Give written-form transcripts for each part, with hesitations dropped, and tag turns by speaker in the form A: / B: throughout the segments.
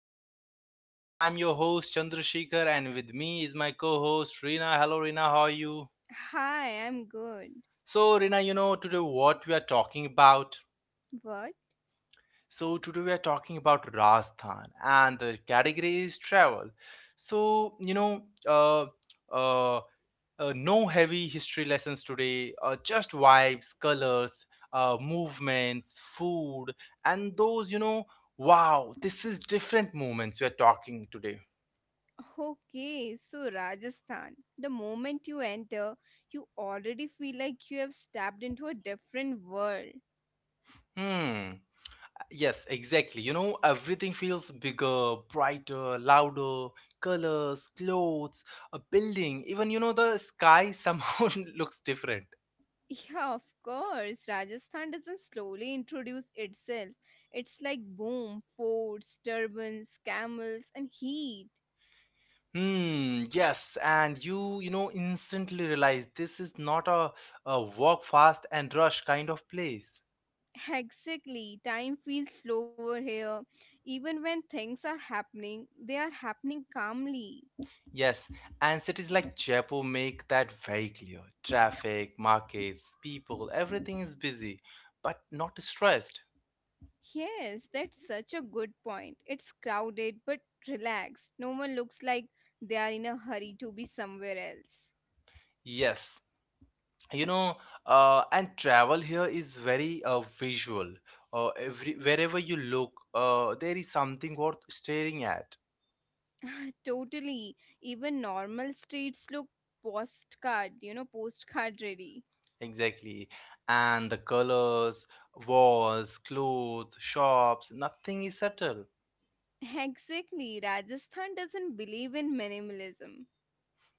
A: the podcast. I'm your host, Chandrashekhar, and with me is my co host, Rina. Hello, Rina. How are you?
B: Hi, I'm good.
A: So, Rina, you know, today what we are talking about?
B: What?
A: So today we are talking about Rajasthan and the category is travel. So you know, uh, no heavy history lessons today. Just vibes, colors, movements, food, and those you know, wow, this is different moments we are talking today.
B: Okay, so Rajasthan. The moment you enter, you already feel like you have stepped into a different world.
A: Hmm. Yes, exactly. You know, everything feels bigger, brighter, louder. Colors, clothes, a building, even you know, the sky somehow looks different.
B: Yeah, of course. Rajasthan doesn't slowly introduce itself. It's like boom, forts, turbans, camels, and heat.
A: Hmm, yes, and you know, instantly realize this is not a walk fast and rush kind of place.
B: Exactly. Time feels slower here. Even when things are happening, they are happening calmly.
A: Yes, and cities like Jaipur make that very clear. Traffic, markets, people, everything is busy, but not stressed.
B: Yes, that's such a good point. It's crowded but relaxed. No one looks like they are in a hurry to be somewhere else.
A: Yes, you know and travel here is very visual, every wherever you look, there is something worth staring at.
B: totally. Even normal streets look postcard ready.
A: Exactly, and the colors, walls, clothes, shops, nothing is subtle.
B: Exactly. Rajasthan doesn't believe in minimalism.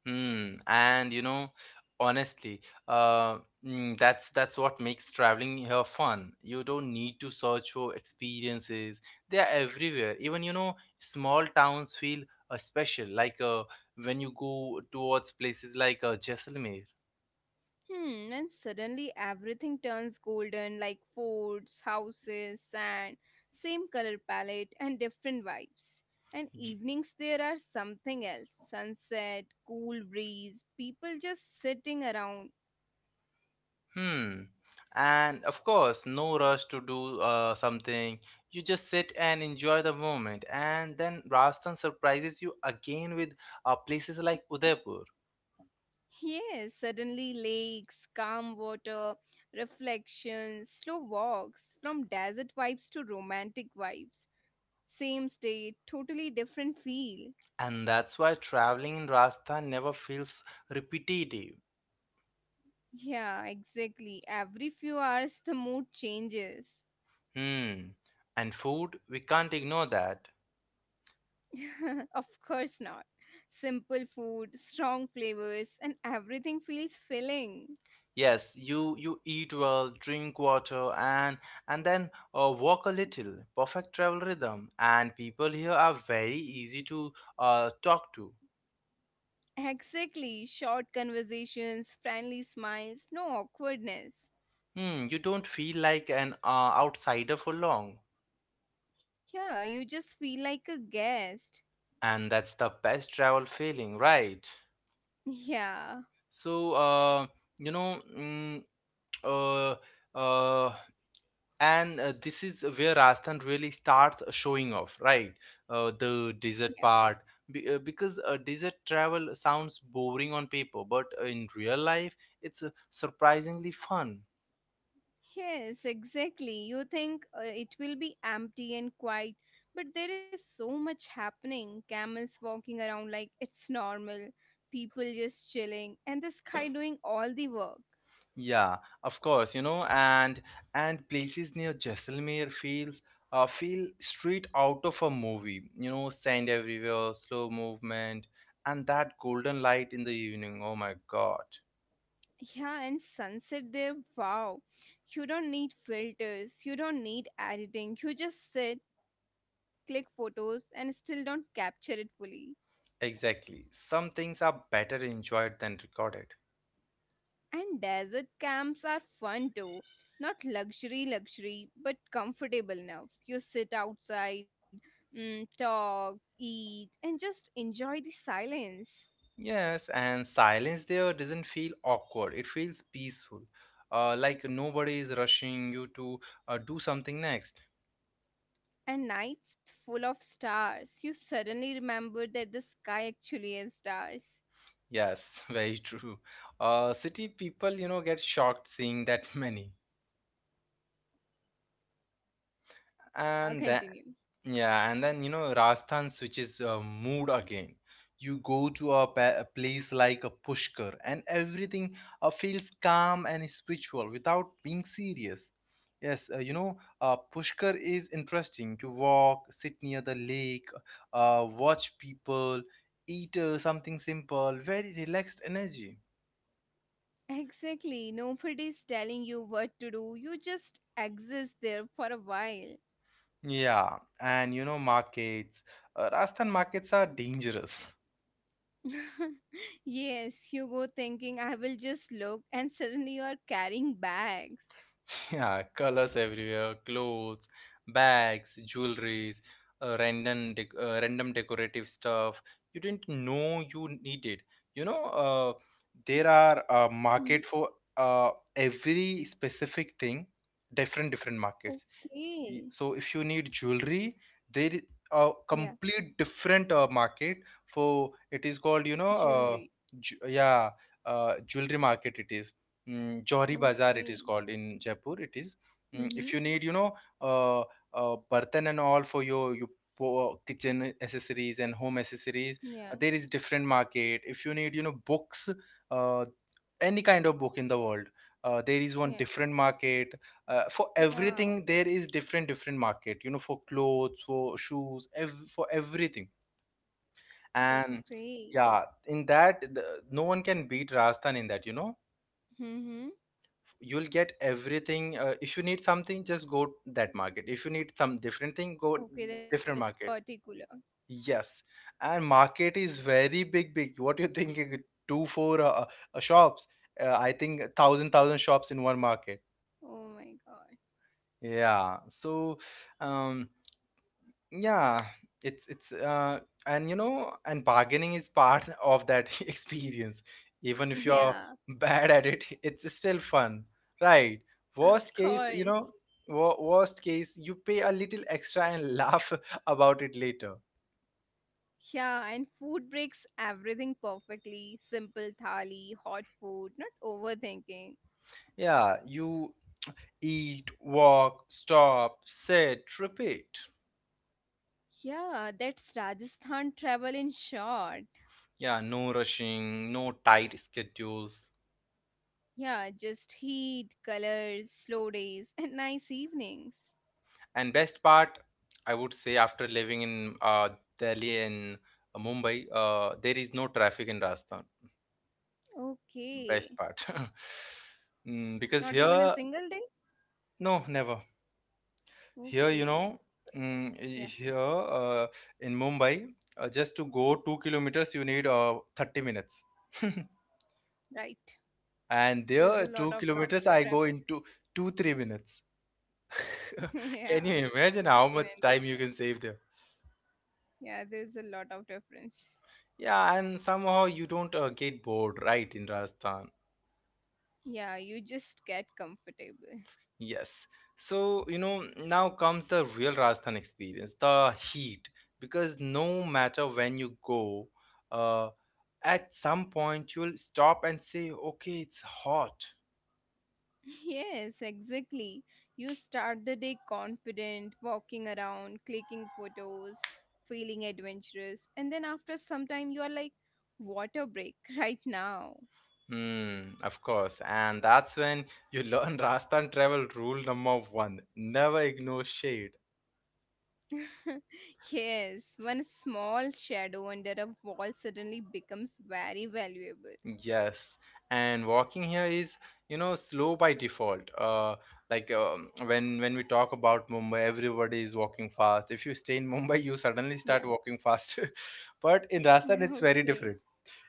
A: Hmm. And you know, honestly, uh, that's what makes traveling here fun. You don't need to search for experiences; they are everywhere. Even you know, small towns feel special. Like when you go towards places like Jaisalmer.
B: Hmm, and suddenly everything turns golden like forts, houses, sand, same color palette, and different vibes. And
A: Y-
B: evenings there are something else sunset, cool breeze, people just sitting around.
A: Hmm. And of course, no rush to do something. You just sit and enjoy the moment. And then Rajasthan surprises you again with places like Udaipur.
B: Yes, suddenly lakes, calm water, reflections, slow walks, from desert vibes to romantic vibes. Same state, totally different feel.
A: And that's why traveling in Rajasthan never feels repetitive.
B: Yeah, exactly. Every few hours, the mood changes.
A: Hmm. And food, we can't ignore that.
B: of course not. Simple food, strong flavors, and everything feels filling.
A: Yes, you eat well, drink water, and and then walk a little. Perfect travel rhythm. And people here are very easy to talk to.
B: Exactly. Short conversations, friendly smiles, no awkwardness.
A: Hmm. You don't feel like an outsider for long.
B: Yeah, you just feel like a guest.
A: And that's the best travel feeling, right? So, you know, mm, uh, uh, and This is where Rajasthan really starts showing off, right? The
B: Yeah.
A: desert part. Because desert travel sounds boring on paper, but in real life, it's surprisingly fun.
B: Yes, exactly. You think it will be empty and quiet, but there is so much happening. Camels walking around like it's normal, people just chilling, and the sky doing all the work.
A: Yeah, of course, you know, and places near Jaisalmer feel straight out of a movie. You know, sand everywhere, slow movement, and that golden light in the evening. Oh my God.
B: Yeah, and sunset there, wow. You don't need filters, you don't need editing. You just sit, click photos, and still don't capture it fully.
A: Exactly. Some things are better enjoyed than recorded.
B: And desert camps are fun too. Not luxury, luxury, but comfortable enough. You sit outside, talk, eat, and just enjoy the silence.
A: Yes, and silence there doesn't feel awkward. It feels peaceful. Like nobody is rushing you to do something next.
B: And nights full of stars. You suddenly remember that the sky actually has stars.
A: Yes, very true. City people, you know, get shocked seeing that many. And
B: Yeah,
A: tha-
B: continue.
A: Yeah, and then you know Rajasthan switches mood again. You go to a place like a Pushkar, and everything feels calm and spiritual without being serious. Yes, you know Pushkar is interesting. You walk, sit near the lake, watch people, eat something simple, very relaxed energy.
B: Exactly. Nobody's telling you what to do. You just exist there for a while.
A: Yeah, and you know markets. Rajasthan markets are dangerous.
B: yes, you go thinking, I will just look, and suddenly you are carrying bags.
A: Yeah, colors everywhere, clothes, bags, jewelries, random decorative stuff you didn't know you needed. You know, there are a market
B: Mhm.
A: for uh, every specific thing, different markets.
B: Okay.
A: So if you need jewelry there is a
B: Yeah,
A: complete different market for it. Is called you know
B: jewelry.
A: yeah, jewelry market it is. Johri Bazaar it is
B: Okay.
A: called in Jaipur it is. If you
B: Mm-hmm.
A: need you know uh, burden and all for your kitchen accessories and home accessories,
B: Yeah,
A: there is different market. If you need you know books, uh, any kind of book in the world, there is one
B: yeah.
A: different market. For everything there
B: Wow,
A: is different market, you know, for clothes, for shoes, for everything. And
B: that's great.
A: yeah, in that, the, no one can beat Rajasthan in that, you know.
B: Mm-hmm.
A: You'll get everything. If you need something just go that market. If you need some different thing go
B: Okay,
A: different
B: that's
A: market.
B: particular.
A: Yes, and market is very big. What you think it- two four shops. I think thousand shops in one market.
B: Oh my god.
A: Yeah, so um yeah it's and you know, and bargaining is part of that experience, even if you're
B: Yeah,
A: bad at it, it's still fun, right? Worst
B: of
A: case, you know,
B: course.
A: worst case you pay a little extra and laugh about it later.
B: Yeah, and food breaks everything perfectly. Simple thali, hot food, not overthinking.
A: Yeah, you eat, walk, stop, sit, repeat.
B: Yeah, that's Rajasthan travel in short.
A: Yeah, no rushing, no tight schedules.
B: Yeah, just heat, colors, slow days, and nice evenings.
A: And best part, I would say, after living in Delhi and Mumbai, there is no traffic in Rajasthan.
B: Okay.
A: Best part. Mm, because
B: Not even a
A: here,
B: single day?
A: no, never. Here, you
B: Okay.
A: know,
B: Yeah,
A: here, in Mumbai, just to go 2 kilometers, you need 30 minutes.
B: right.
A: And
B: There's a
A: there,
B: lot
A: two
B: of
A: kilometers, I go
B: traffic.
A: in 3 minutes. Can
B: yeah,
A: you imagine
B: I
A: how
B: can
A: much time you can
B: understand.
A: save there?
B: Yeah, there's a lot of difference.
A: Yeah, and somehow you don't get bored, right, in Rajasthan?
B: Yeah, you just get comfortable.
A: Yes. So, you know, now comes the real Rajasthan experience, the heat. Because no matter when you go, uh, at some point you'll stop and say, okay, it's hot.
B: Yes, exactly. You start the day confident, walking around, clicking photos, feeling adventurous, and then after some time, you are like, water break right now.
A: Hmm, of course. And that's when you learn Rajasthan travel rule number one, never ignore shade.
B: yes, one small shadow under a wall suddenly becomes very valuable.
A: Yes, and walking here is, you know, slow by default. Like when we talk about Mumbai, everybody is walking fast. If you stay in Mumbai, you suddenly
B: Yeah.
A: start walking faster. But in Rajasthan, it's very
B: okay.
A: different.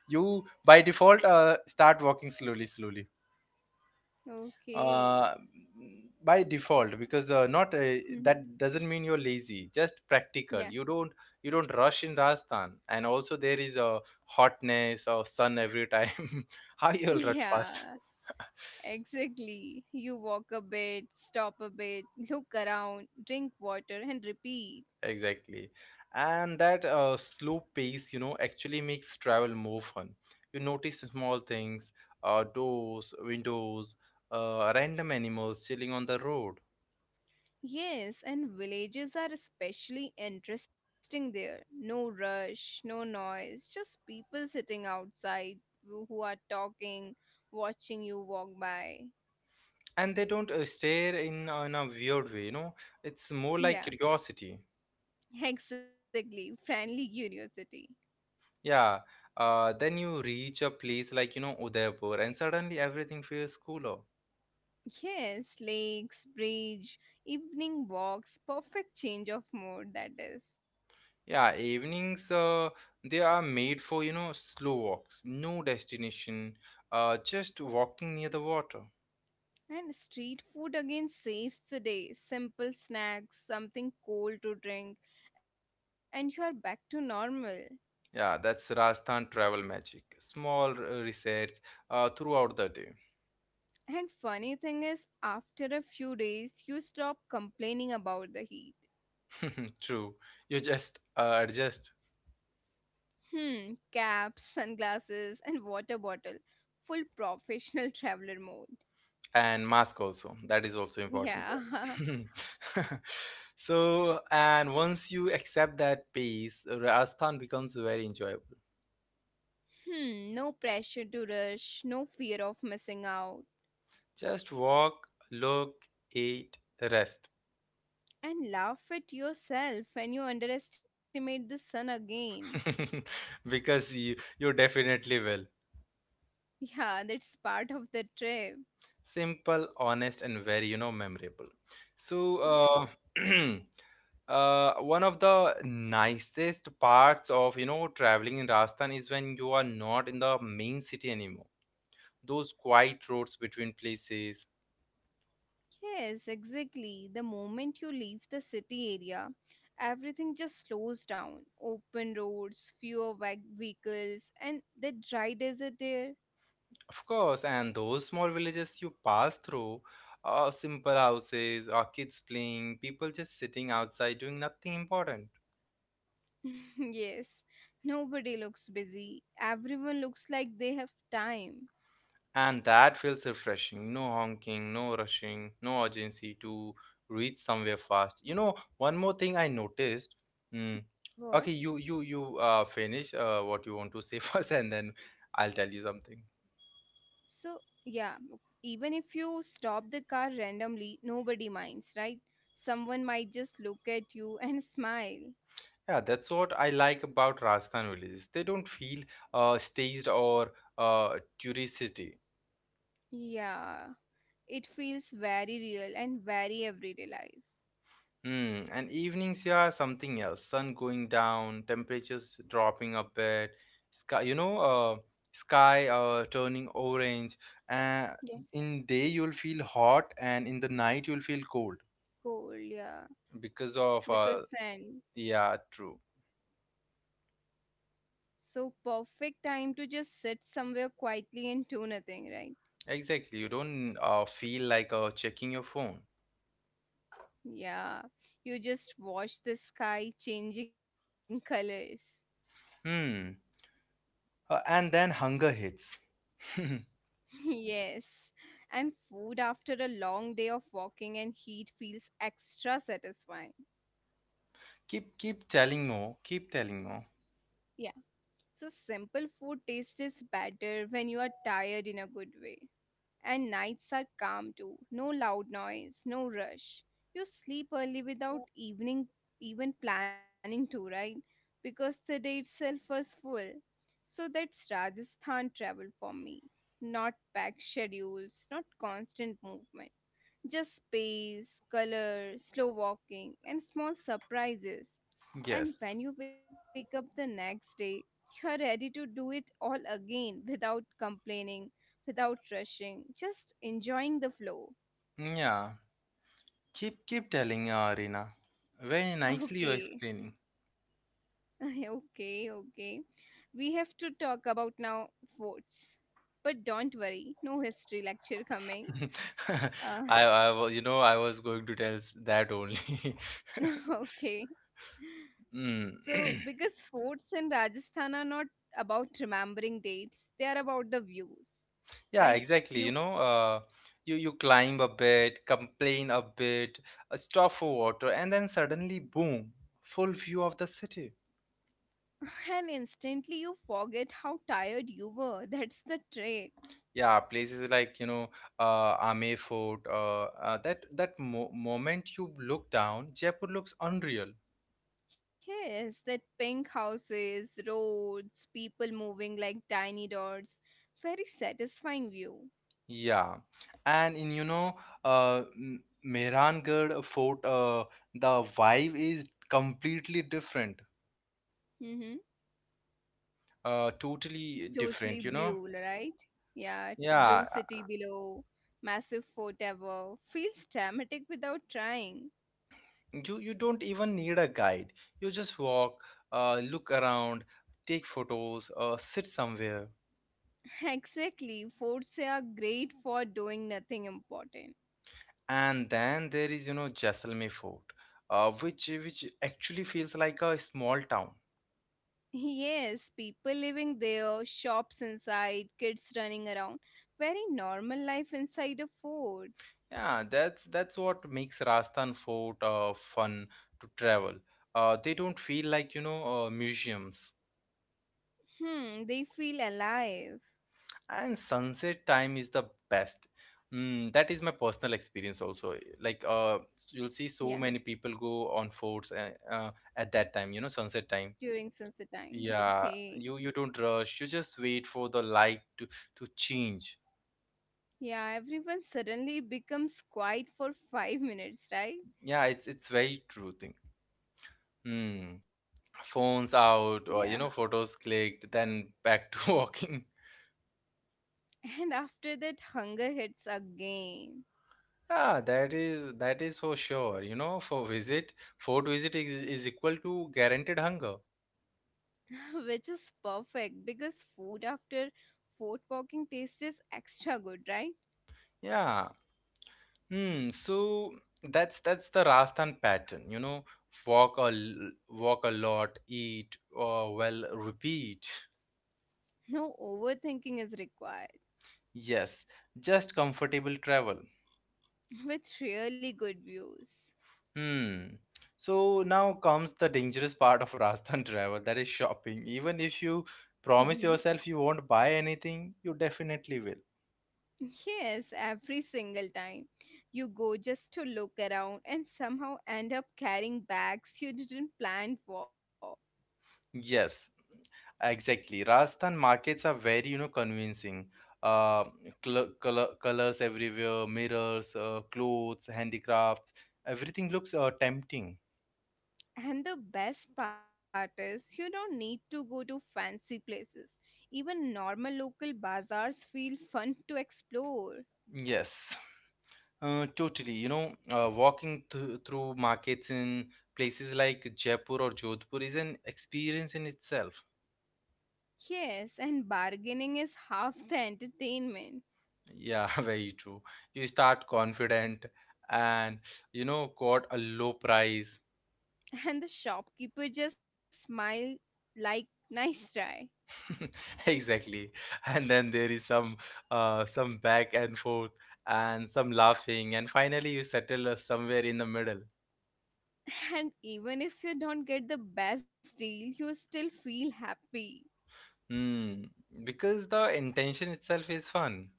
A: You by default start walking slowly, slowly.
B: Okay.
A: Uh, by default, because not
B: Hmm.
A: that doesn't mean you're lazy. Just practical. You
B: Yeah.
A: don't you don't rush in Rajasthan, and also there is a hotness or sun every time. How you'll run fast?
B: Yeah. Exactly. You walk a bit, stop a bit, look around, drink water, and repeat.
A: Exactly. And that slow pace, you know, actually makes travel more fun. You notice small things, doors, windows, random animals chilling on the road.
B: Yes, and villages are especially interesting there. No rush, no noise, just people sitting outside who are talking, watching you walk by.
A: And they don't stare in a weird way, you know, it's more like
B: Yeah,
A: curiosity.
B: exactly. Friendly curiosity.
A: Yeah. Then you reach a place like, you know, Udaipur, and suddenly everything feels cooler.
B: Yes, lakes, bridge, evening walks, perfect change of mood, that is.
A: Yeah, evenings they are made for, you know, slow walks, no destination, just walking near the water.
B: And street food again saves the day. Simple snacks, something cold to drink, and you are back to normal.
A: Yeah, that's Rajasthan travel magic. Small resets throughout the day.
B: And funny thing is, after a few days, you stop complaining about the heat.
A: True. You just adjust,
B: Hmm, caps, sunglasses, and water bottle. Full professional traveler mode.
A: and mask also. That is also important
B: Yeah.
A: there. So, and once you accept that pace, Rajasthan becomes very enjoyable.
B: hmm, no pressure to rush, no fear of missing out.
A: Just walk, look, eat, rest.
B: And laugh at yourself when you underestimate the sun again.
A: Because you definitely will.
B: Yeah, that's part of the trip.
A: Simple, honest, and very you know memorable. so
B: Yeah.
A: uh, one of the nicest parts of you know traveling in Rajasthan is when you are not in the main city anymore, those quiet roads between places.
B: Yes, exactly. The moment you leave the city area, everything just slows down. Open roads, fewer vehicles, and the dry desert air.
A: Of course, and those small villages you pass through, simple houses or kids playing, people just sitting outside doing nothing important.
B: yes, nobody looks busy. Everyone looks like they have time.
A: And that feels refreshing. No honking, no rushing, no urgency to reach somewhere fast. You know, one more thing I noticed. Mm,
B: What?
A: okay, you finish what you want to say first, and then I'll tell you something.
B: So, yeah, even if you stop the car randomly, nobody minds, right? Someone might just look at you and smile.
A: Yeah, that's what I like about Rajasthan villages. They don't feel staged or uh, touristy.
B: Yeah, it feels very real and very everyday life.
A: Hmm, and evenings, yeah, something else. Sun going down, temperatures dropping a bit, sky, you know, uh, sky turning orange. Uh,
B: Yeah.
A: in day you'll feel hot, and in the night you'll feel cold
B: Cold, yeah.
A: because of
B: Because sand.
A: yeah, true,
B: So perfect time to just sit somewhere quietly and do nothing, right?
A: exactly. You don't feel like checking your phone.
B: Yeah. You just watch the sky changing colors.
A: Hmm. And then hunger hits.
B: yes. And food after a long day of walking and heat feels extra satisfying.
A: Keep keep telling more, keep telling more.
B: Yeah. So simple food taste is better when you are tired in a good way. And nights are calm too. No loud noise, no rush. You sleep early without evening even planning to, right? Because the day itself was full. So that's Rajasthan travel for me. Not packed schedules, not constant movement. Just space, color, slow walking, and small surprises. And
A: Yes,
B: when you wake up the next day, you're ready to do it all again without complaining, without rushing, just enjoying the flow.
A: yeah. Keep keep telling, Reena. Very nicely you're
B: Okay,
A: explaining.
B: okay, okay. We have to talk about now votes. But don't worry, no history lecture coming. Uh,
A: I, you know, I was going to tell that only.
B: okay.
A: Mm.
B: So, because forts in Rajasthan are not about remembering dates, they are about the views,
A: Yeah,
B: right?
A: exactly. You know,
B: You
A: you climb a bit, complain a bit, stop for water, and then suddenly, boom, full view of the city.
B: and instantly you forget how tired you were. That's the trick.
A: Yeah, places like, you know, Ame Fort, that that mo moment you look down, Jaipur looks unreal.
B: Yes, that pink houses, roads, people moving like tiny dots. Very satisfying view.
A: Yeah, and in you know, Mehrangarh Fort, the vibe is completely different,
B: Mm-hmm.
A: totally
B: Totally
A: different, you
B: blue,
A: know.
B: right? Yeah, blue
A: Yeah,
B: city below, massive fort above. Feels dramatic without trying.
A: you you don't even need a guide. You just walk, look around, take photos, sit somewhere,
B: Exactly, forts are great for doing nothing important.
A: and then there is you know Jaisalmer Fort, which actually feels like a small town.
B: Yes, people living there, shops inside, kids running around. Very normal life inside a fort.
A: Yeah, that's what makes Rajasthan Fort fun to travel. They don't feel like you know museums.
B: Hmm, they feel alive.
A: And sunset time is the best. Mm, that is my personal experience also. Like you'll see so many
B: Yeah,
A: people go on forts at that time. You know, sunset time.
B: during sunset time.
A: Yeah,
B: Okay.
A: you don't rush. You just wait for the light to change.
B: Yeah, everyone suddenly becomes quiet for 5 minutes, right?
A: Yeah, it's very true thing. Hmm. Phones out,
B: Yeah.
A: or you know, photos clicked, then back to walking.
B: And after that, hunger hits again.
A: Ah, that is for sure. You know, for visit, food visit is equal to guaranteed hunger.
B: Which is perfect because food after fort walking tastes is extra good, right?
A: Yeah. Hmm. So that's the Rajasthan pattern. You know, walk a lot, eat, or well, repeat.
B: No overthinking is required.
A: Yes, just comfortable travel.
B: With really good views.
A: Hmm. So now comes the dangerous part of Rajasthan travel, that is shopping. Even if you promise
B: Mhm.
A: yourself you won't buy anything, you definitely will.
B: Yes, every single time. You go just to look around and somehow end up carrying bags you didn't plan for.
A: Yes. Exactly. Rajasthan markets are very, you know, convincing. Uh, Color, colors everywhere, mirrors, clothes, handicrafts, everything looks tempting.
B: And the best part is, you don't need to go to fancy places. Even normal local bazaars feel fun to explore.
A: Yes, totally. You know, walking through markets in places like Jaipur or Jodhpur is an experience in itself.
B: Yes, and bargaining is half the entertainment.
A: Yeah, very true. You start confident and, you know, got a low price.
B: And the shopkeeper just smile like, nice try.
A: Exactly. And then there is some back and forth and some laughing, and finally you settle somewhere in the middle.
B: And even if you don't get the best deal, you still feel happy.
A: Hmm. Because the intention itself is fun.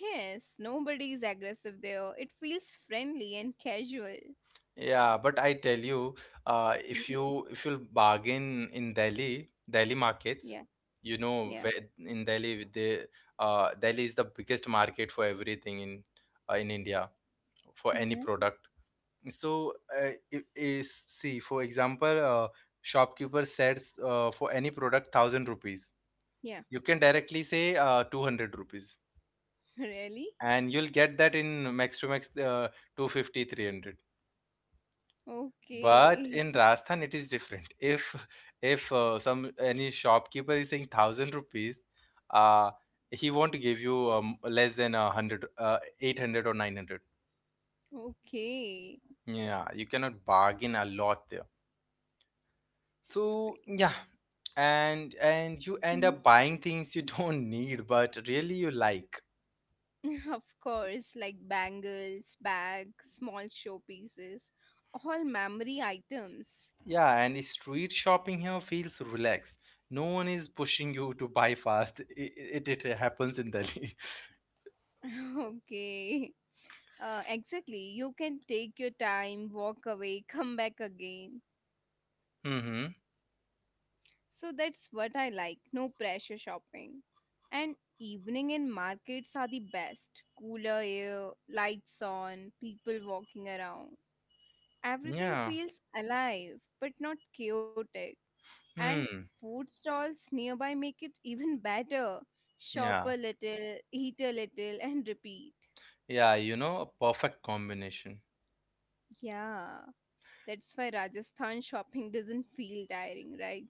B: Yes, nobody is aggressive there. It feels friendly and casual.
A: Yeah, but I tell you, if you
B: Mhm.
A: if you bargain in Delhi, Delhi
B: Yeah,
A: markets, you know,
B: yeah.
A: where in Delhi the Delhi is the biggest market for everything in India, for any
B: Mm-hmm.
A: product. So I- is see, for example, shopkeeper says, for any product 1000 rupees,
B: Yeah.
A: you can directly say 200 rupees,
B: Really?
A: and you'll get that in max to max 250. But in
B: Okay,
A: Rajasthan it is different. If some any shopkeeper is saying 1000 rupees, uh he won't give you less than a 100, 800 or 900.
B: okay.
A: Yeah, you cannot bargain a lot there.
B: That's
A: So
B: great.
A: yeah, and you end
B: Mhm.
A: up buying things you don't need but really you like.
B: of course, like bangles, bags, small showpieces, all memory items.
A: Yeah, and street shopping here feels relaxed. No one is pushing you to buy fast. It happens in Delhi.
B: okay. Exactly. You can take your time, walk away, come back again.
A: Mm-hmm.
B: So that's what I like. No pressure shopping. And evening in markets are the best. Cooler air, lights on, people walking around. Everything
A: Yeah.
B: feels alive but not chaotic. And
A: Hmm.
B: food stalls nearby make it even better. Shop
A: Yeah.
B: a little, eat a little, and repeat.
A: Yeah, you know, a perfect combination.
B: Yeah, that's why Rajasthan shopping doesn't feel tiring, right?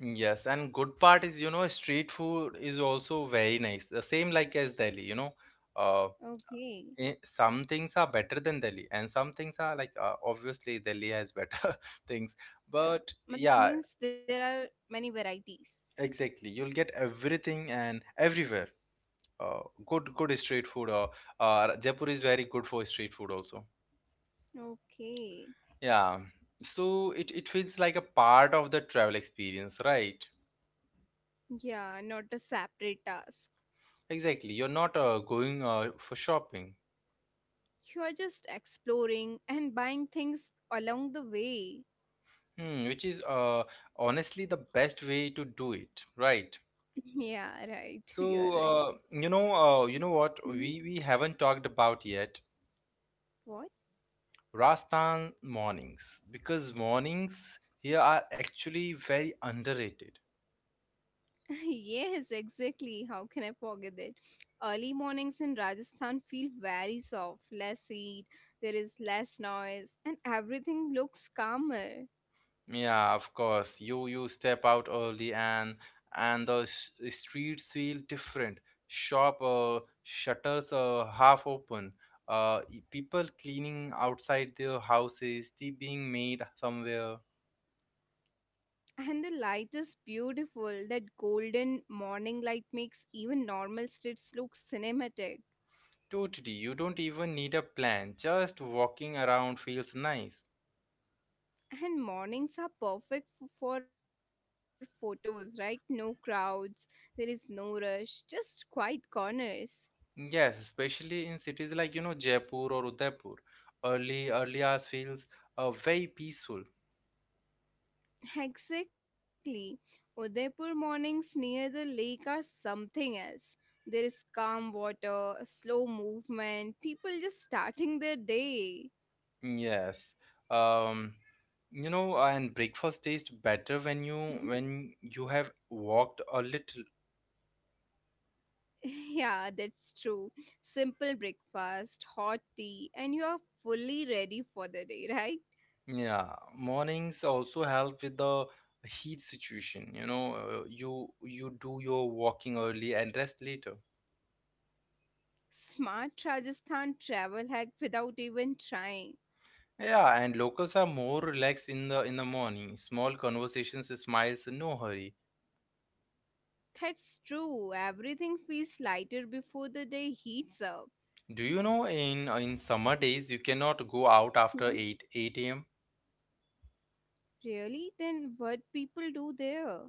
A: Yes, and good part is, you know, street food is also very nice. The same like as Delhi, you know. Uh.
B: Okay.
A: Some things are better than Delhi, and some things are like obviously Delhi has better things,
B: Yeah.
A: but
B: But
A: yeah,
B: means there are many varieties.
A: exactly. You'll get everything and everywhere. Uh, good, good street food. Or Jaipur is very good for street food also.
B: Okay.
A: Yeah, so it feels like a part of the travel experience, right?
B: Yeah, not a separate task.
A: Exactly. You're not going for shopping,
B: You are just exploring and buying things along the way.
A: hmm, which is honestly the best way to do it, right?
B: Yeah, right. You're
A: So
B: right.
A: you know, you know what
B: Hmm?
A: we haven't talked about yet,
B: What?
A: Rajasthan mornings, because mornings here are actually very underrated.
B: yes, exactly. How can I forget that? Early mornings in Rajasthan feel very soft, less heat, there is less noise, and everything looks calmer.
A: Yeah, of course. You step out early, and the streets feel different. Shop Shutters are half open. People cleaning outside their houses, tea being made somewhere.
B: And the light is beautiful. That golden morning light makes even normal streets look cinematic.
A: Totally, you don't even need a plan. Just walking around feels nice.
B: And mornings are perfect for photos, right? No crowds, there is no rush, just quiet corners.
A: Yes, especially in cities like, you know, Jaipur or Udaipur. Early early hours feels very peaceful.
B: Exactly. Udaipur mornings near the lake are something else. There is calm water, slow movement, people just starting their day.
A: Yes. Um, you know, and breakfast tastes better when you have walked a little.
B: Yeah, that's true. Simple breakfast, hot tea, and you are fully ready for the day, right?
A: Yeah. Mornings also help with the heat situation, you know, you you do your walking early and rest later.
B: Smart Rajasthan travel hack without even trying.
A: Yeah, and locals are more relaxed in the morning. Small conversations, smiles, no hurry.
B: That's true. Everything feels lighter before the day heats up.
A: Do you know in summer days you cannot go out after
B: Hmm,
A: 8 8 a.m.
B: really? Then what people do there?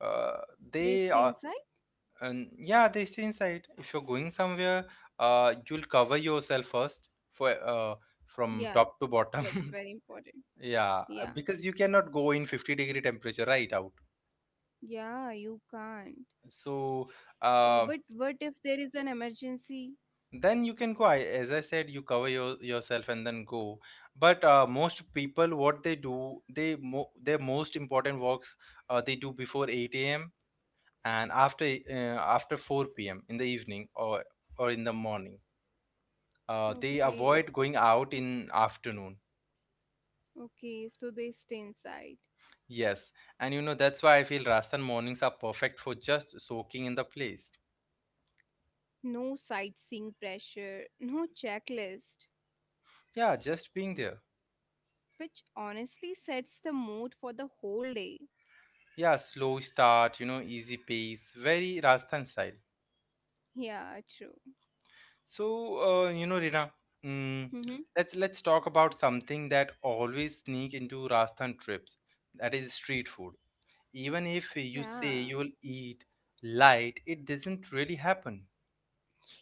A: Uh,
B: They
A: they
B: stay
A: are
B: inside?
A: and yeah they stay inside. If you're going somewhere, you'll cover yourself first for from
B: Yeah,
A: top to
B: that's
A: bottom.
B: very important.
A: Yeah,
B: Yeah.
A: because you cannot go in 50-degree temperature right out.
B: Yeah, you can't.
A: So uh,
B: But what if there is an emergency?
A: then you can go. As I said, you cover yourself and then go. But most people, what they do, they their most important works they do before 8 a.m and after 4 p.m. in the evening or in the morning. They
B: Okay.
A: avoid going out in afternoon.
B: Okay, so they stay inside.
A: Yes, and you know that's why I feel Rajasthan mornings are perfect for just soaking in the place.
B: No sightseeing pressure, no checklist,
A: Yeah, just being there.
B: which honestly sets the mood for the whole day.
A: Yeah, slow start, you know, easy pace, very Rajasthan style.
B: Yeah, true.
A: So, you know, Rina, mm,
B: Hmm.
A: let's talk about something that always sneak into Rajasthan trips. That is street food. Even if
B: Yeah.
A: you say you'll eat light, it doesn't really happen.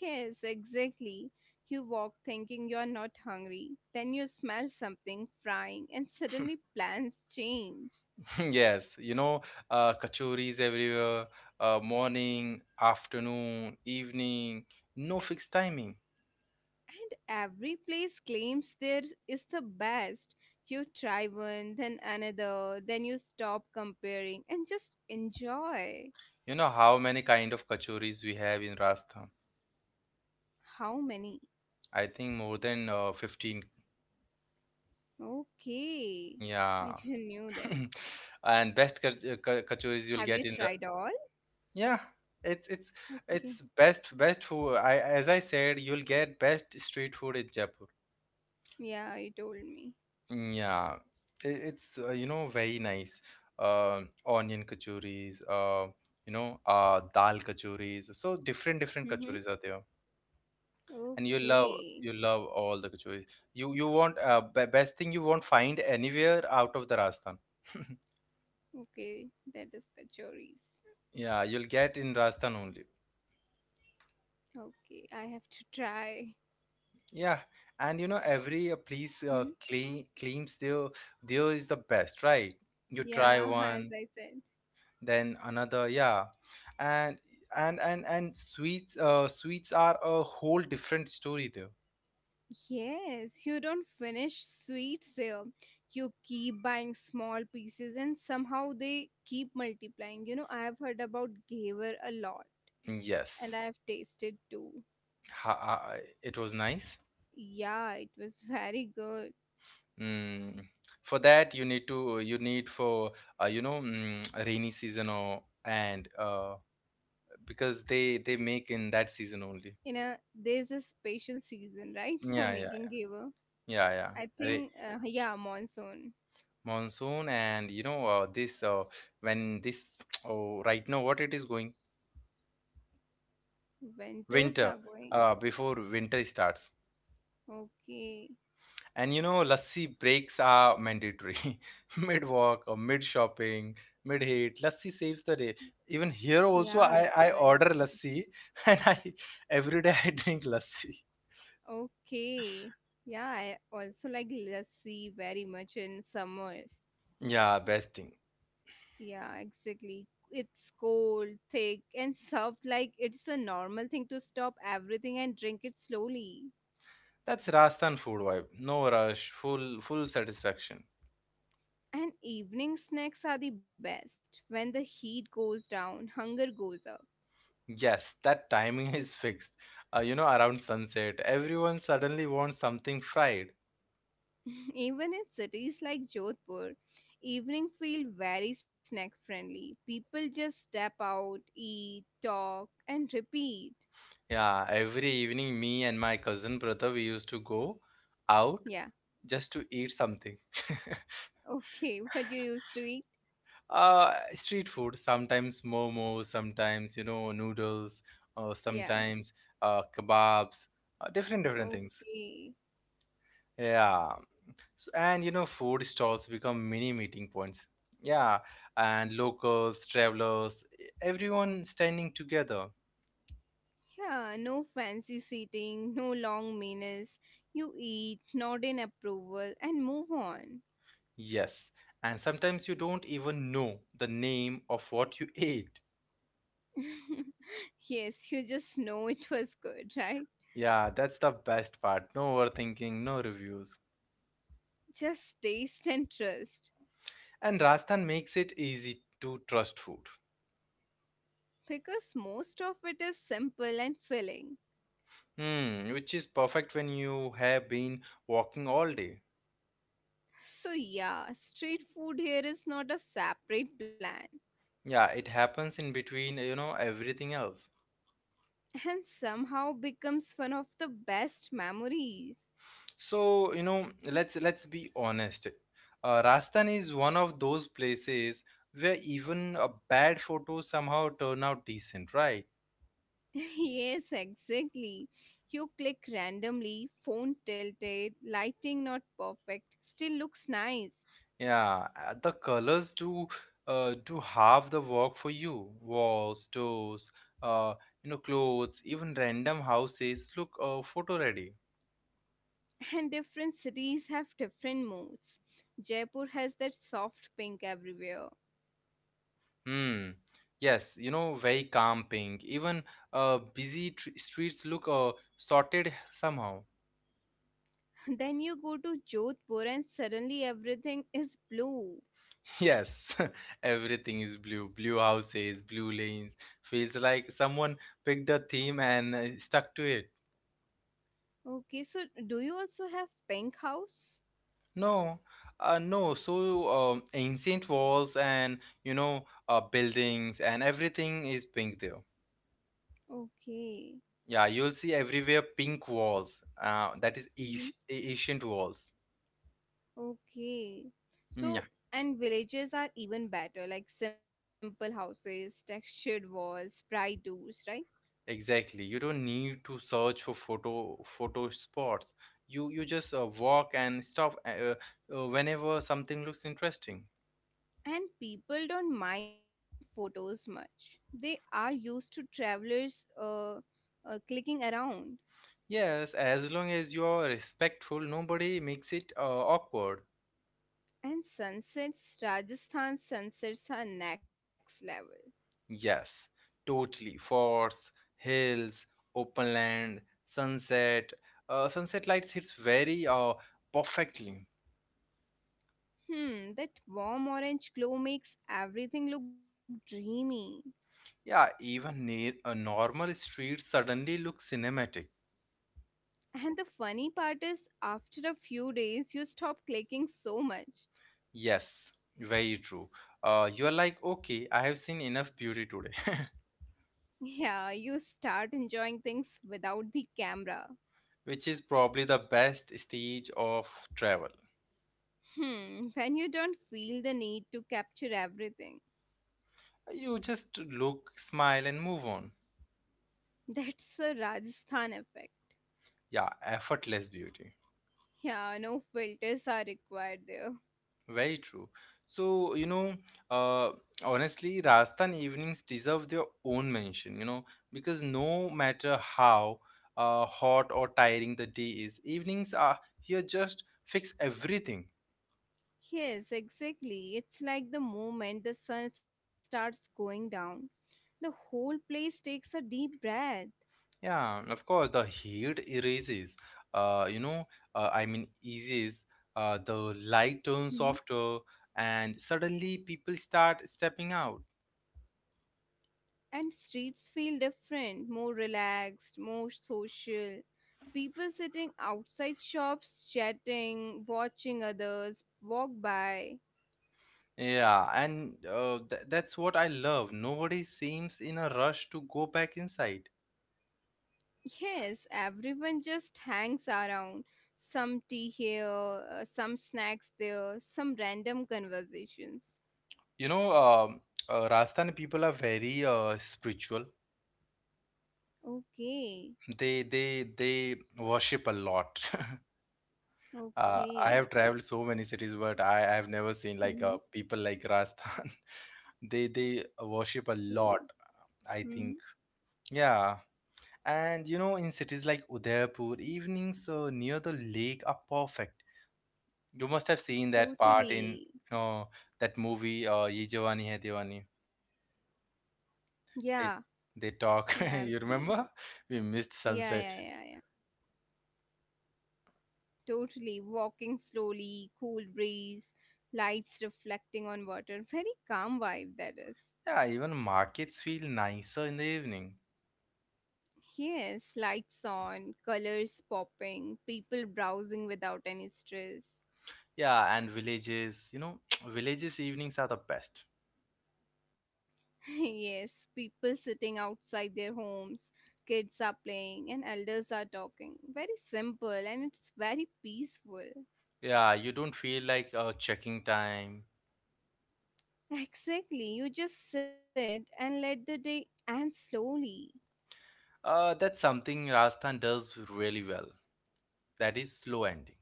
B: Yes, exactly. You walk thinking you're not hungry, then you smell something frying, and suddenly plans change.
A: Yes, you know, kachoris everywhere, morning, afternoon, evening, no fixed timing.
B: And every place claims there is the best. You try one, then another, then you stop comparing and just enjoy.
A: You know how many kind of kachoris we have in Rajasthan?
B: How many?
A: I think more than 15.
B: Okay. I
A: Yeah.
B: didn't knew that.
A: And kachoris you'll
B: Have you
A: get in
B: tried all?
A: yeah, it's it's
B: Okay.
A: it's best best food. I, as I said, you'll get best street food in Jaipur.
B: Yeah, you told me.
A: Yeah, it's you know, very nice. Onion kachoris, dal kachoris. So different different
B: Mm-hmm.
A: kachoris are there, and
B: Okay.
A: you love all the kachoris. You won't be best thing you won't find anywhere out of the Rajasthan.
B: Okay. That is kachoris.
A: Yeah, you'll get in Rajasthan only.
B: Okay. I have to try.
A: Yeah, and you know every place
B: Hmm.
A: claims there is the best, right? You try
B: Yeah, as
A: one,
B: I said.
A: then another, yeah, and and sweets sweets are a whole different story though.
B: Yes, you don't finish sweets here. You keep buying small pieces and somehow they keep multiplying. You know, I have heard about gaver a lot and
A: Yes.
B: I have tasted too.
A: ha- uh, it was nice.
B: Yeah, it was very good.
A: Mm. For that you need to you need for rainy season, or and because they make in that season only.
B: You know there's this patient season right for
A: yeah yeah
B: making gable.
A: yeah yeah
B: I
A: Ra-
B: think yeah, monsoon.
A: Monsoon, and you know, this when this oh, right now, what it is going,
B: Winters
A: winter,
B: are going.
A: before winter starts.
B: Okay.
A: And you know, lassi breaks are mandatory. Mid walk or mid shopping, mid hate, lassi saves the day. Even here also,
B: Yeah,
A: I
B: it's
A: I
B: very
A: order
B: important.
A: lassi, and I every day I drink lassi.
B: Okay. Yeah, I also like lassi very much in summers.
A: Yeah, best thing.
B: Yeah, exactly, it's cold thick and soft, like it's a normal thing to stop everything and drink it slowly.
A: That's Rajasthan food vibe. No rush, full full satisfaction.
B: And evening snacks are the best when the heat goes down hunger goes up.
A: Yes, that timing is fixed. You know, around sunset, everyone suddenly wants something fried.
B: Even in cities like Jodhpur, evening feel very snack friendly. People just step out, eat, talk, and repeat.
A: Yeah, every evening, me and my cousin brother, we used to go out
B: Yeah,
A: just to eat something.
B: okay, what you used to eat?
A: Street food, sometimes momos, sometimes, you know, noodles, or
B: Yeah,
A: sometimes kebabs, different, different things.
B: okay.
A: Yeah. So, and, you know, food stalls become mini meeting points. Yeah. And locals, travelers, everyone standing together.
B: Yeah, no fancy seating, no long meals. You eat, nod in approval, and move on.
A: Yes. And sometimes you don't even know the name of what you ate.
B: yes, you just know it was good, right?
A: Yeah, that's the best part. No overthinking, no reviews.
B: Just taste and trust
A: And Rajasthan makes it easy to trust food,
B: because most of it is simple and filling.
A: hmm, which is perfect when you have been walking all day.
B: So, yeah, street food here is not a separate plan
A: Yeah, it happens in between, you know, everything else.
B: and somehow becomes one of the best memories.
A: So, you know, let's be honest. Rajasthan is one of those places where even a bad photo somehow turn out decent, right?
B: Yes, exactly. You click randomly, phone tilted, lighting not perfect, still looks nice.
A: Yeah, the colors do do half the work for you. Walls, doors, uh, you know, clothes, even random houses look photo ready.
B: And different cities have different moods. Jaipur has that soft pink everywhere.
A: Hmm. Yes, you know, very calm pink. Even busy tr streets look sorted somehow.
B: Then you go to Jodhpur and suddenly everything is blue.
A: Yes, everything is blue. Blue houses, blue lanes. Feels like someone picked a theme and stuck to it.
B: Okay, so do you also have pink house?
A: No, no. So ancient walls and you know, buildings and everything is pink there.
B: Okay.
A: Yeah, you'll see everywhere pink walls. That is ancient
B: Hmm.
A: ancient walls.
B: Okay. So,
A: Yeah,
B: and villages are even better, like simple houses, textured walls, bright doors, right?
A: exactly. You don't need to search for photo spots. You just walk and stop whenever something looks interesting.
B: And people don't mind photos much. They are used to travelers clicking around.
A: Yes, as long as you're respectful, nobody makes it awkward.
B: And sunsets, Rajasthan sunsets are next level.
A: Yes, totally. Forts, hills, open land, sunset. Sunset lights hits very perfectly.
B: Hmm, that warm orange glow makes everything look dreamy.
A: Yeah, even near a normal street suddenly looks cinematic.
B: And the funny part is, after a few days, you stop clicking so much.
A: Yes, very true. You are like, okay, I have seen enough beauty today,
B: Yeah, you start enjoying things without the camera.
A: which is probably the best stage of travel.
B: Hmm, when you don't feel the need to capture everything.
A: You just look, smile, and move on.
B: That's a Rajasthan effect.
A: Yeah, effortless beauty.
B: Yeah, no filters are required there.
A: Very true. So, you know, uh, honestly, Rajasthan evenings deserve their own mention, you know, because no matter how hot or tiring the day is, evenings are here just fix everything.
B: Yes, exactly. It's like the moment the sun starts going down, the whole place takes a deep breath.
A: Yeah, and of course, the heat erases, uh, you know, I mean, eases, the light turns softer, and suddenly people start stepping out.
B: And streets feel different, more relaxed, more social. People sitting outside shops, chatting, watching others walk by.
A: Yeah, and th that's what I love. Nobody seems in a rush to go back inside.
B: Yes, everyone just hangs around. Some tea here, some snacks there, some random conversations.
A: You know, Rajasthani people are very spiritual.
B: Okay,
A: They worship a lot. I have
B: okay,
A: traveled so many cities, but I have never seen like
B: mm-hmm.
A: people like Rajasthan. They
B: Okay,
A: worship a lot.
B: mm-hmm.
A: I think. Yeah. And you know, in cities like Udaipur, evenings near the lake are perfect. You must have seen that part in
B: Totally.
A: uh, that movie, Ye Jawani Hai Diwani.
B: Yeah,
A: They they
B: yeah,
A: talk.
B: I've
A: You
B: seen.
A: remember? We missed
B: Yeah,
A: sunset.
B: yeah, yeah, yeah. Totally. Walking slowly, cool breeze, lights reflecting on water. Very calm vibe, that is.
A: Yeah, even markets feel nicer in the evening.
B: Yes, lights on, colors popping, people browsing without any stress.
A: Yeah, and villages. You know, villages evenings are the best.
B: Yes, people sitting outside their homes, kids are playing, and elders are talking. Very simple and it's very peaceful.
A: Yeah, you don't feel like checking time.
B: Exactly, you just sit and let the day end slowly.
A: That's something Rajasthan does really well. That is slow ending.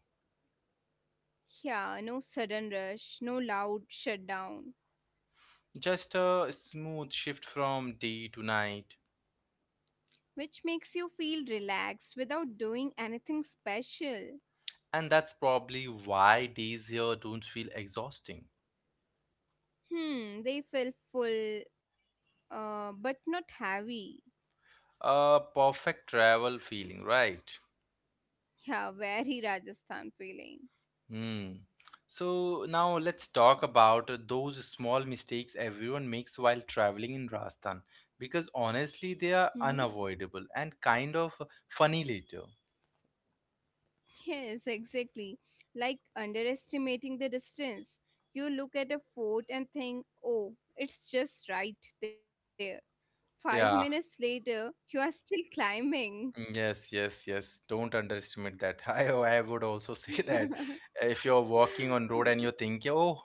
B: Yeah, no sudden rush, no loud shutdown,
A: Just a smooth shift from day to night.
B: which makes you feel relaxed without doing anything special.
A: And that's probably why days here don't feel exhausting.
B: Hmm, they feel full, but not heavy.
A: A perfect travel feeling, right?
B: Yeah, very Rajasthan feeling.
A: Hmm. So now let's talk about those small mistakes everyone makes while traveling in Rajasthan because honestly they
B: Mm-hmm.
A: are unavoidable and kind of funny later.
B: Yes, exactly. Like underestimating the distance. You look at a fort and think, oh, it's just right there. 5 minutes
A: Yeah.
B: later, you are still climbing.
A: Yes, yes, yes. Don't underestimate that. I would also say that
B: Okay.
A: if you're walking on road and you're thinking, oh,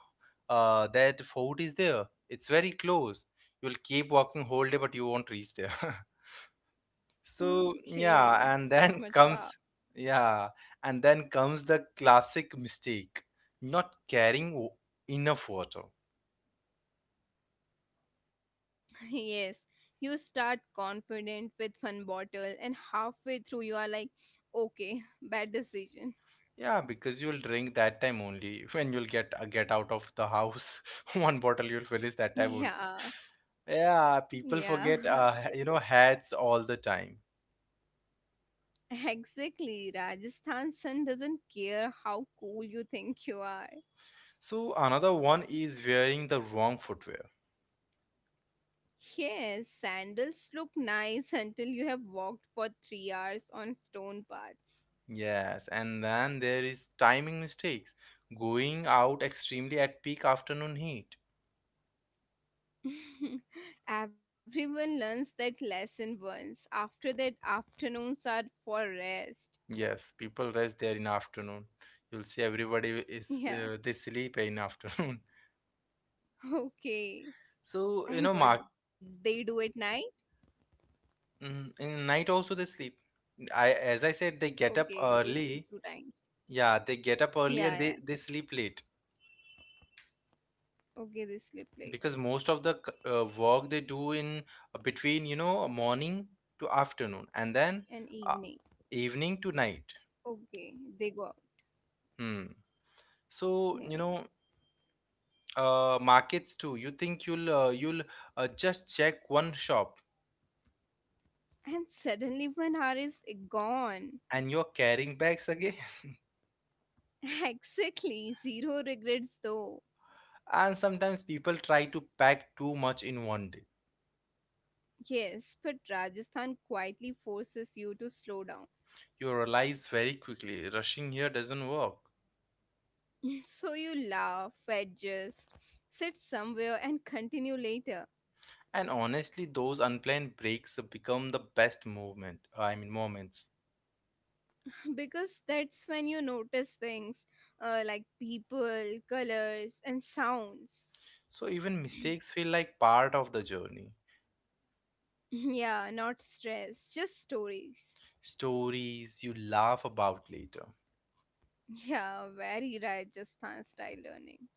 A: that fort is there. It's very close. You'll keep walking whole day, but you won't reach there. So yeah,
B: Okay,
A: and
B: it's
A: then
B: that much
A: comes
B: far.
A: yeah, and then comes the classic mistake, not carrying w- enough water.
B: Yes, you start confident with one bottle, and halfway through, you are like, okay, bad decision.
A: Yeah, because you'll drink that time only. When you'll get out of the house, one bottle you'll finish that time only.
B: Yeah,
A: Yeah, people
B: yeah,
A: forget
B: true.
A: hats all the time.
B: Exactly. Rajasthan sun doesn't care how cool you think you are.
A: So another one is wearing the wrong footwear.
B: Yes, sandals look nice until you have walked for 3 hours on stone paths.
A: Yes, and then there is timing mistakes. Going out extremely at peak afternoon heat.
B: Everyone learns that lesson once. After that, afternoons are for rest.
A: Yes, people rest there in afternoon. You'll see everybody is they
B: Yeah,
A: sleep in afternoon.
B: okay.
A: So you know,
B: And
A: mark
B: what they do at night?
A: Mm, in night also they sleep. I as I said, they get up
B: Okay, they sleep
A: early.
B: two times.
A: Yeah, they get up early and
B: Yeah,
A: they
B: yeah.
A: they sleep late
B: Okay, they sleep late
A: because most of the work they do in between morning to afternoon and then
B: and
A: uh,
B: evening.
A: evening to night.
B: Okay, they go out.
A: Hmm. So
B: Yeah.
A: markets too. You think you'll just check one shop
B: And suddenly one hour is gone.
A: and you're carrying bags again.
B: Exactly. Zero regrets though.
A: And sometimes people try to pack too much in one day.
B: Yes, but Rajasthan quietly forces you to slow down.
A: You realize very quickly rushing here doesn't work.
B: So you laugh, adjust, sit somewhere, and continue later.
A: And honestly, those unplanned breaks become the best movement, I mean moments.
B: Because that's when you notice things like people, colors, and sounds.
A: So even mistakes feel like part of the journey.
B: Yeah, not stress, just stories.
A: Stories you laugh about later.
B: Yeah, very Rajasthan style learning.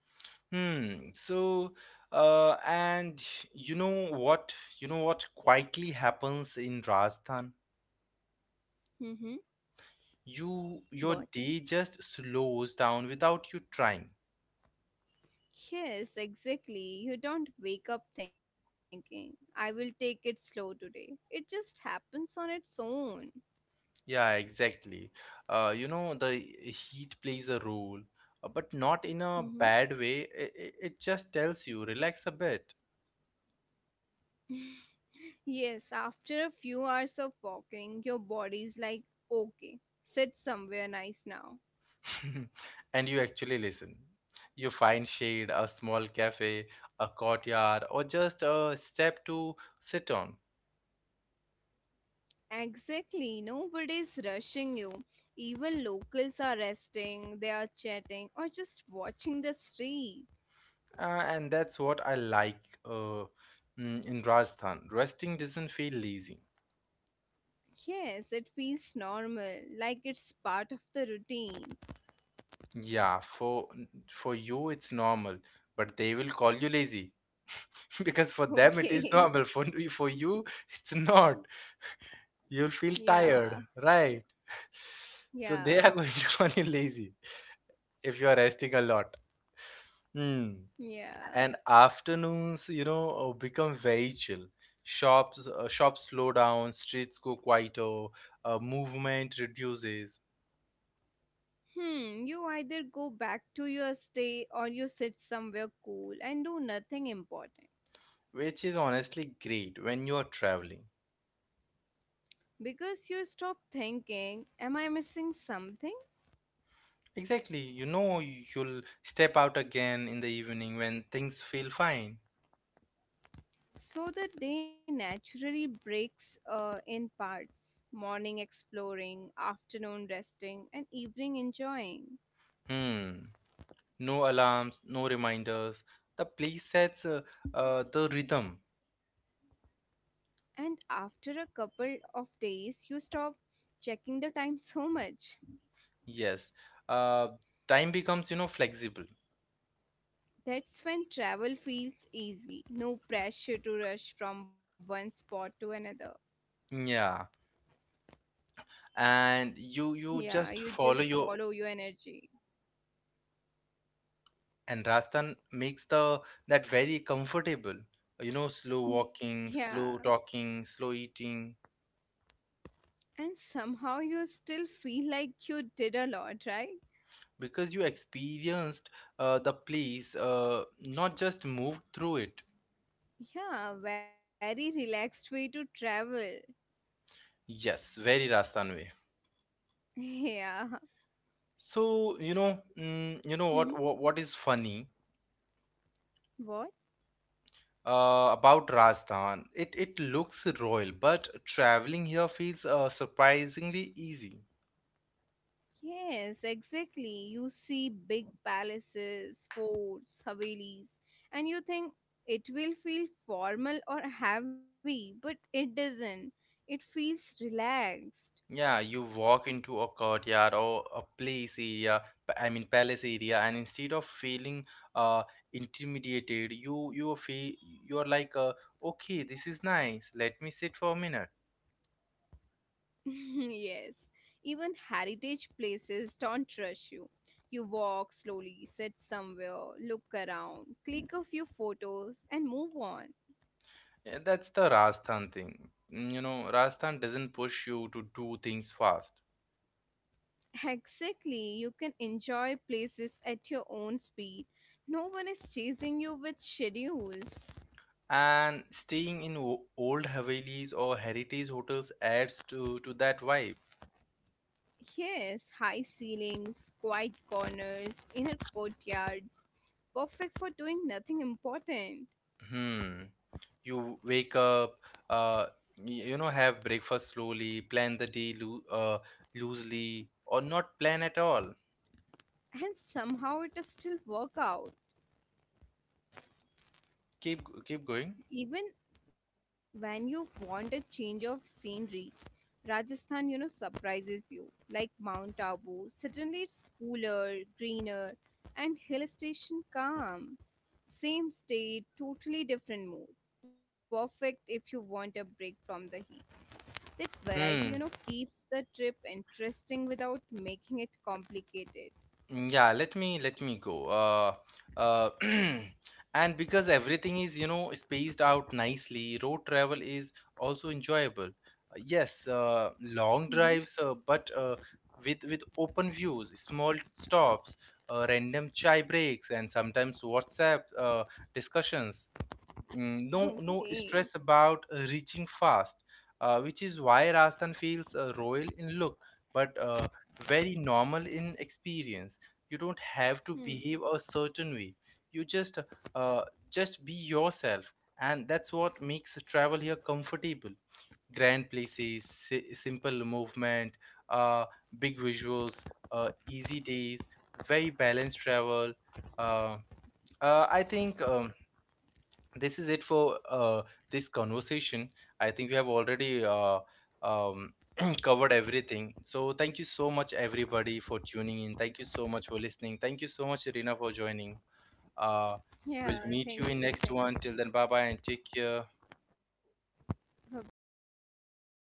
A: Hmm. So, and You know what? You know what quietly happens in Rajasthan?
B: Mm-hmm.
A: You your
B: What?
A: day just slows down without you trying.
B: Yes, exactly. You don't wake up thinking, I will take it slow today. It just happens on its own.
A: Yeah, exactly. You know, the heat plays a role, but not in a
B: Mm-hmm.
A: bad way. It just tells you relax a bit.
B: Yes, after a few hours of walking, your body's like, okay, sit somewhere nice now.
A: And you actually listen. You find shade, a small cafe, a courtyard, or just a step to sit on.
B: Exactly, nobody's rushing you. Even locals are resting, they are chatting, or just watching the street.
A: Uh, and that's what I like in Rajasthan. Resting doesn't feel lazy.
B: Yes, it feels normal, like it's part of the routine.
A: Yeah, for you it's normal, but they will call you lazy because for them it is
B: Okay,
A: normal. For you it's not. You'll feel
B: yeah,
A: tired,
B: true.
A: right? So they
B: Yeah,
A: are going to call you lazy if you are resting a lot. Hmm.
B: yeah.
A: And afternoons, become very chill. Shops slow down, streets go quieter, movement reduces,
B: Hmm, you either go back to your stay or you sit somewhere cool and do nothing important.
A: which is honestly great when you are traveling.
B: Because you stop thinking, am I missing something?
A: Exactly. You know, you'll step out again in the evening when things feel fine.
B: So the day naturally breaks in parts morning exploring, afternoon resting, and evening enjoying.
A: Hmm. No alarms, no reminders. The place sets the rhythm.
B: And after a couple of days, you stop checking the time so much.
A: Yes. Uh, Time becomes, you know, flexible.
B: That's when travel feels easy. No pressure to rush from one spot to another.
A: Yeah. And you
B: Yeah,
A: just
B: you just
A: follow your
B: follow your energy.
A: and Rajasthan makes the that very comfortable. You know, slow walking,
B: Yeah.
A: slow talking, slow eating.
B: And somehow you still feel like you did a lot, right?
A: Because you experienced the place, not just moved through it.
B: Yeah, very relaxed way to travel.
A: Yes, very Rajasthan way.
B: Yeah.
A: You know what,
B: Hmm.
A: what is funny
B: What?
A: about Rajasthan? It looks royal, but traveling here feels surprisingly easy.
B: Yes, exactly. You see big palaces, forts, havelis, and you think it will feel formal or heavy, but it doesn't. It feels relaxed.
A: Yeah, you walk into a courtyard or a place area, p- I mean palace area, and instead of feeling uh intimidated, you feel you're like okay, this is nice. Let me sit for a minute.
B: Yes, even heritage places don't rush you. You walk slowly, sit somewhere, look around, click a few photos, and move on.
A: Yeah, that's the Rajasthan thing. You know, Rajasthan doesn't push you to do things fast.
B: Exactly, you can enjoy places at your own speed. No one is chasing you with schedules.
A: And staying in old Havelis or heritage hotels adds to that vibe.
B: Yes, high ceilings, quiet corners, inner courtyards, perfect for doing nothing important.
A: Hmm. You wake up, uh, you know, have breakfast slowly, plan the day loosely, or not plan at all.
B: And somehow it is still work out.
A: Keep going.
B: Even when you want a change of scenery, Rajasthan, you know, surprises you. Like Mount Abu, suddenly it's cooler, greener, and hill station calm. Same state, totally different mood. Perfect if you want a break from the heat. That variety, you know, keeps the trip interesting without making it complicated.
A: Mm, yeah, let me go uh and because everything is, you know, spaced out nicely, road travel is also enjoyable. Yes, long
B: Hmm.
A: drives, but with open views, small stops, random chai breaks, and sometimes WhatsApp discussions. No No stress
B: Okay.
A: about reaching fast, which is why Rajasthan feels royal in look, but very normal in experience. You don't have to behave
B: Hmm.
A: a certain way. You uh, just be yourself, and that's what makes travel here comfortable. Grand places, simple movement, uh, big visuals, easy days, very balanced travel. uh, I think this is it for this conversation. I think we have already um, covered everything, so thank you so much everybody for tuning in, thank you so much for listening, thank you so much Irina for joining. uh, we'll
B: Yeah,
A: meet you in
B: thank you.
A: next one.
B: Thanks.
A: Till then, bye bye and take care.
B: Bye bye, everyone.